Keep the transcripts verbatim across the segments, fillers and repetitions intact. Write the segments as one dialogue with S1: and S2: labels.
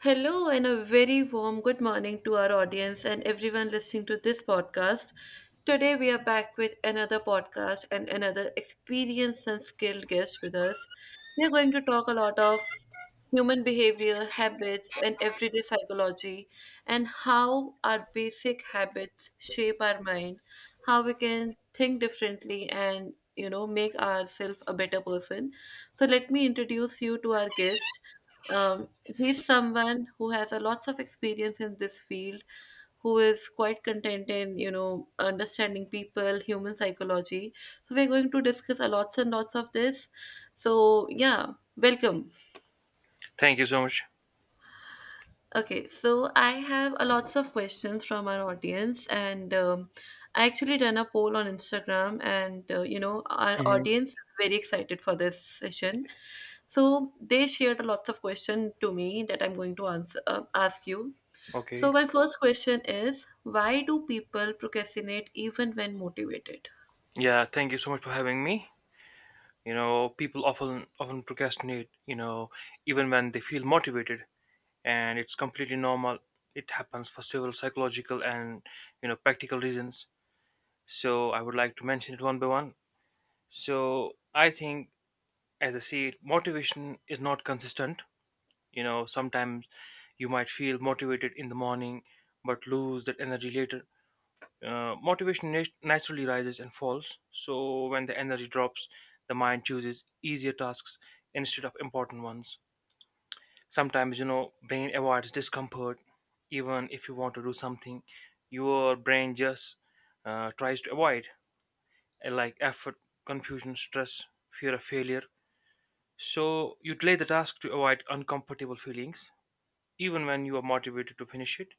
S1: Hello, and a very warm good morning to our audience and everyone listening to this podcast. Today, we are back with another podcast and another experienced and skilled guest with us. We are going to talk a lot of human behavior, habits, and everyday psychology, and how our basic habits shape our mind, how we can think differently, and you know, make ourselves a better person. So, let me introduce you to our guest. Um, he's someone who has a lots of experience in this field, who is quite content in you know understanding people, human psychology. So we're going to discuss a lots and lots of this. So yeah, welcome.
S2: Thank you so much.
S1: Okay, so I have a lots of questions from our audience, and um, I actually done a poll on Instagram, and uh, you know our
S2: hmm
S1: audience is very excited for this session. So they shared a lots of questions to me that I'm going to answer uh, ask you.
S2: Okay.
S1: So my first question is, why do people procrastinate even when motivated?
S2: Yeah, thank you so much for having me. You know, people often often procrastinate, you know, even when they feel motivated and it's completely normal. It happens for several psychological and, you know, practical reasons. So, I would like to mention it one by one. So, I think as I see it, motivation is not consistent. You know, sometimes you might feel motivated in the morning but lose that energy later Uh, Motivation nat- naturally rises and falls. So when the energy drops, the mind chooses easier tasks instead of important ones. Sometimes, you know, brain avoids discomfort. Even if you want to do something, your brain just uh, tries to avoid, uh, like effort, confusion, stress, fear of failure. So you delay the task to avoid uncomfortable feelings, even when you are motivated to finish it.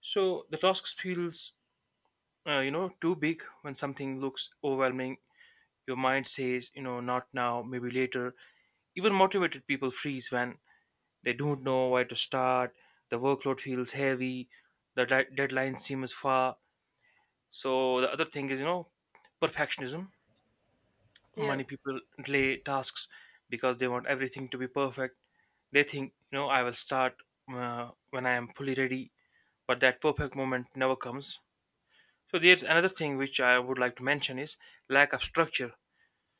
S2: So the task feels, uh, you know, too big when something looks overwhelming. Your mind says, you know, not now, maybe later. Even motivated people freeze when they don't know where to start, the workload feels heavy, the de- deadline seems far. So, the other thing is, you know, perfectionism.
S1: Yeah.
S2: Many people delay tasks because they want everything to be perfect. They think, you know, I will start uh, when I am fully ready, but that perfect moment never comes. So, there's another thing which I would like to mention is lack of structure.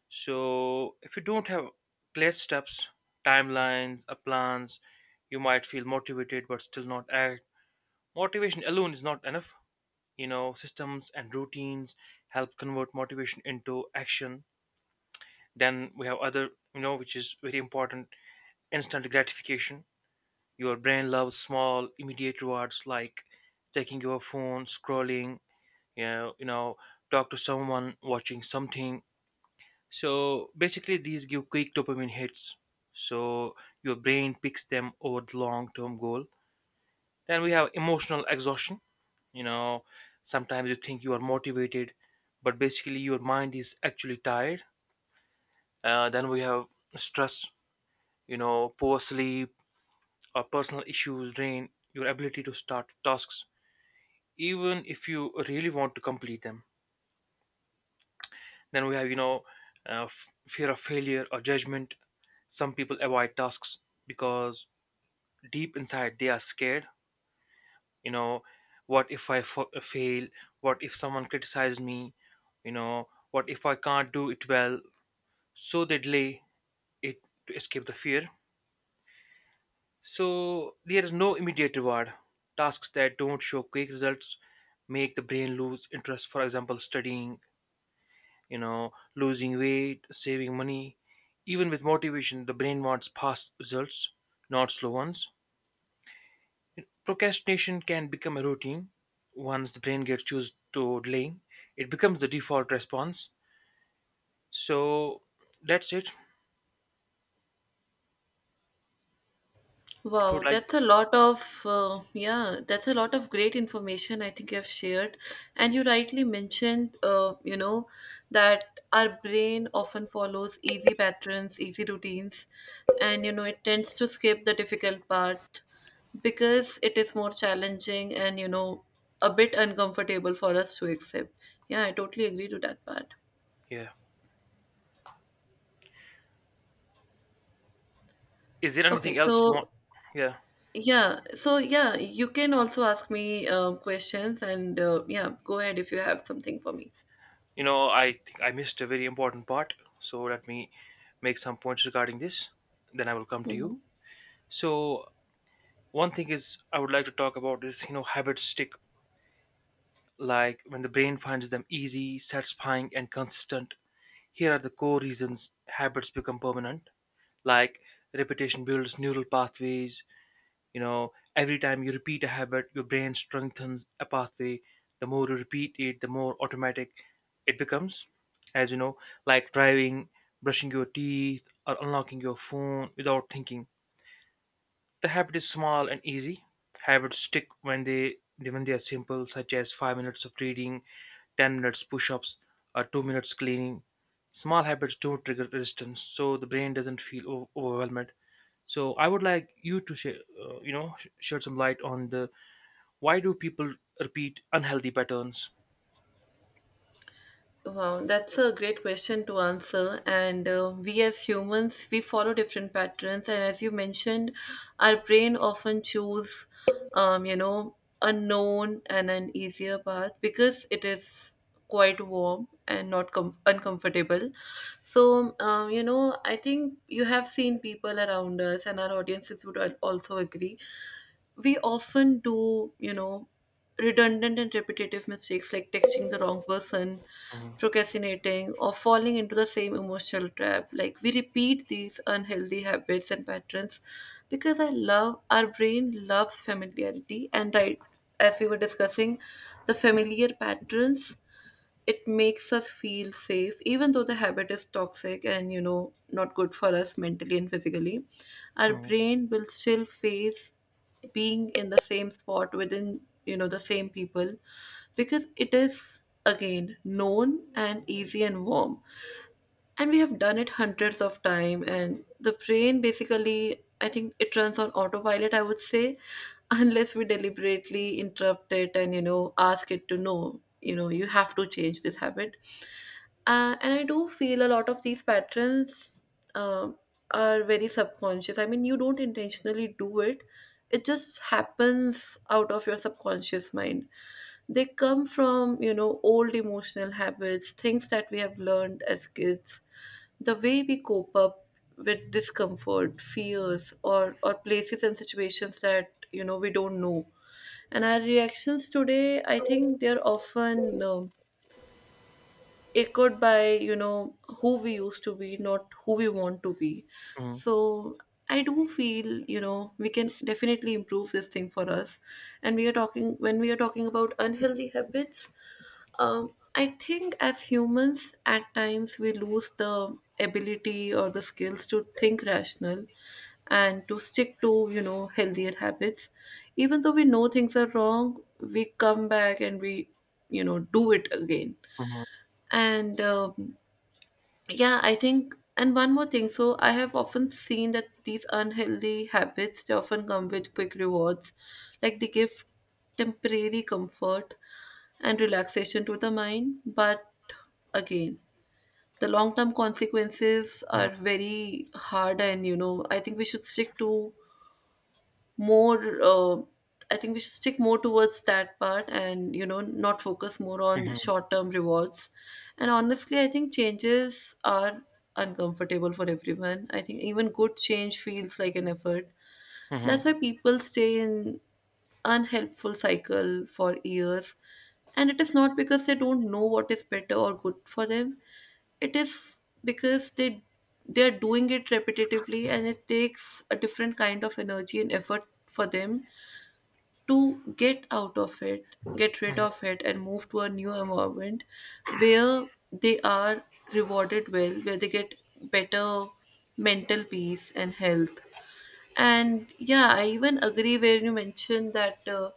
S2: So if you don't have clear steps, timelines, or plans, you might feel motivated but still not act. Motivation alone is not enough. You know, systems and routines help convert motivation into action. Then we have other, you know, which is very important, instant gratification. Your brain loves small, immediate rewards like checking your phone, scrolling, you know, you know, talk to someone, watching something. So basically, these give quick dopamine hits. So your brain picks them over the long term goal. Then we have emotional exhaustion. You know, sometimes you think you are motivated, but basically your mind is actually tired. Uh, then we have stress. You know, poor sleep or personal issues drain your ability to start tasks, even if you really want to complete them. Then we have, you know, uh, f- fear of failure or judgment. Some people avoid tasks because deep inside they are scared, you know, what if I fa- fail, what if someone criticizes me, you know, what if I can't do it well? So they delay it to escape the fear. So there is no immediate reward. Tasks that don't show quick results make the brain lose interest, for example studying, you know, losing weight, saving money. Even with motivation the brain wants fast results, not slow ones. Procrastination can become a routine. Once the brain gets used to delaying, it becomes the default response. So that's it. If you would
S1: Wow,
S2: like,
S1: that's a lot of uh, yeah, that's a lot of great information I think you have shared. And you rightly mentioned, uh, you know, that our brain often follows easy patterns, easy routines, and you know it tends to skip the difficult part because it is more challenging and you know a bit uncomfortable for us to accept. Yeah, I totally agree to that part.
S2: yeah. Is there
S1: Okay,
S2: anything else you want?
S1: so
S2: Yeah.
S1: yeah, so yeah, you can also ask me um, questions and uh, yeah, go ahead if you have something for me.
S2: You know, I think I missed a very important part. So let me make some points regarding this. Then I will come to you.
S1: Mhm.
S2: So one thing is I would like to talk about is, you know, habits stick. Like when the brain finds them easy, satisfying, and consistent. Here are the core reasons habits become permanent, like repetition builds neural pathways. You know, every time you repeat a habit your brain strengthens a pathway. The more you repeat it the more automatic it becomes. As you know, like driving, brushing your teeth, or unlocking your phone without thinking, the habit is small and easy. Habits stick when they when they are simple, such as five minutes of reading, ten minutes push-ups, or two minutes cleaning. Small habits don't trigger resistance, so the brain doesn't feel o- overwhelmed. So I would like you to share, uh, you know, sh- shed some light on the, why do people repeat unhealthy patterns?
S1: Wow, that's a great question to answer. And uh, we as humans, we follow different patterns. And as you mentioned, our brain often choose, um, you know, a known and an easier path because it is quite warm and not com- uncomfortable. So, um, you know, I think you have seen people around us, and our audiences would al- also agree. We often do, you know, redundant and repetitive mistakes like texting the wrong person,
S2: Mhm,
S1: procrastinating, or falling into the same emotional trap. Like we repeat these unhealthy habits and patterns because I love our brain loves familiarity and right, as we were discussing, the familiar patterns, it makes us feel safe even though the habit is toxic and you know not good for us mentally and physically. Our
S2: mhm,
S1: brain will still face being in the same spot within you know the same people because it is again known and easy and warm, and we have done it hundreds of time and the brain basically I think it runs on autopilot, I would say, unless we deliberately interrupt it and you know ask it to know you know you have to change this habit. Uh, and I do feel a lot of these patterns um, are very subconscious. I mean, you don't intentionally do it, it just happens out of your subconscious mind. They come from, you know, old emotional habits, things that we have learned as kids, the way we cope up with discomfort, fears, or, or places and situations that, you know, we don't know. And our reactions today, I think they're often. Um, it could by you know who we used to be, not who we want to be.
S2: mhm,
S1: So I do feel you know we can definitely improve this thing for us. And we are talking, when we are talking about unhealthy habits, um, I think as humans at times we lose the ability or the skills to think rational and to stick to you know healthier habits. Even though we know things are wrong we come back and we you know do it again. And um, yeah, I think, and one more thing. So I have often seen that these unhealthy habits, they often come with quick rewards. Like they give temporary comfort and relaxation to the mind. But again, the long term consequences are
S2: mhm,
S1: very hard. And, you know, I think we should stick to more uh, I think we should stick more towards that part and you know not focus more
S2: mhm,
S1: on
S2: mhm,
S1: short term rewards. And honestly I think changes are uncomfortable for everyone. I think even good change feels like an effort. That's
S2: mhm.
S1: why people stay in unhelpful cycle for years. And it is not because they don't know what is better or good for them. It is because they they are doing it repetitively and it takes a different kind of energy and effort for them to get out of it, get rid of it and move to a new environment where they are rewarded well, where they get better mental peace and health. And yeah, I even agree where you mentioned that uh,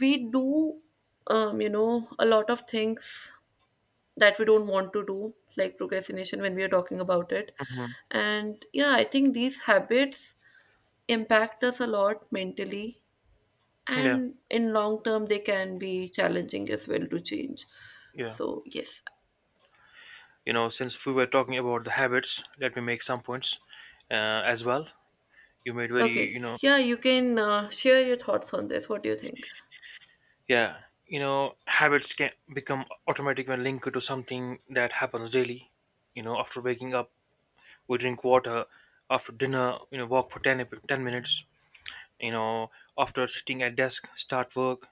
S1: we do, um, you know, a lot of things that we don't want to do, like procrastination when we are talking about it. And yeah, I think these habits impact us a lot mentally,
S2: Yeah,
S1: and in long term, they can be challenging as well to change.
S2: yeah.
S1: So, yes.
S2: You know, since we were talking about the habits, let me make some points uh, as well. You made very,
S1: Okay.
S2: you know,
S1: Yeah, you can uh, share your thoughts on this. What do you think?
S2: yeah, you know, habits can become automatic when linked to something that happens daily. You know, after waking up we drink water, after dinner, you know, walk for ten, ep- ten minutes, you know, after sitting at desk start work.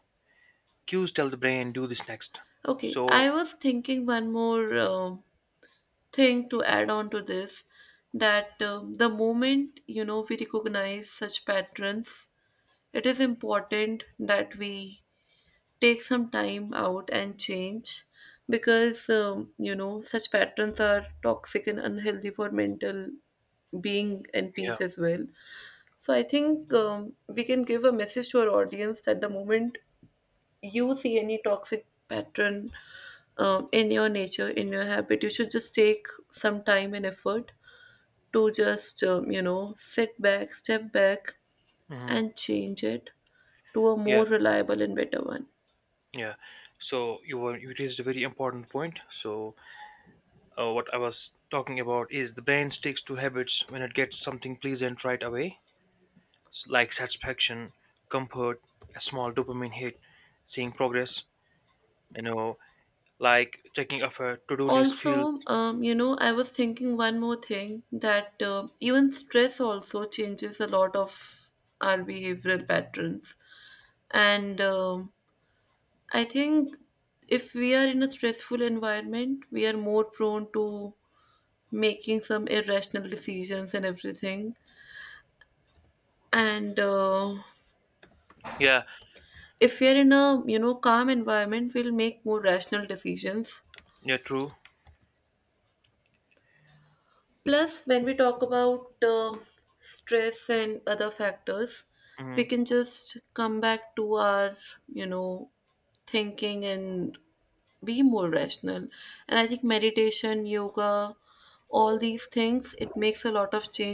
S2: Cues tell the brain do this next.
S1: Okay,
S2: So
S1: I was thinking one more. um thing to add on to this, that um, the moment you know we recognize such patterns, it is important that we take some time out and change because um, you know such patterns are toxic and unhealthy for mental being and
S2: yeah.
S1: peace as well. So I think um, we can give a message to our audience that the moment you see any toxic pattern um, in your nature in your habit you should just take some time and effort to just, um, you know, sit back, step back,
S2: Hmm.
S1: and change it to a more
S2: Yeah,
S1: reliable and better one.
S2: yeah. So you were, you raised a very important point. So uh, what I was talking about is the brain sticks to habits when it gets something pleasant right away, like satisfaction, comfort, a small dopamine hit, seeing progress, you know, like checking off a to-do list
S1: Also,
S2: feels,
S1: um, you know, I was thinking one more thing that uh, even stress also changes a lot of our behavioral patterns. And um, I think if we are in a stressful environment, we are more prone to making some irrational decisions and everything. And uh,
S2: yeah,
S1: if we are in a you know calm environment we'll make more rational decisions.
S2: yeah, true.
S1: Plus when we talk about uh, stress and other factors we can
S2: Mm-hmm.
S1: just come back to our you know thinking and be more rational. And I think meditation, yoga, all these things it makes a lot of change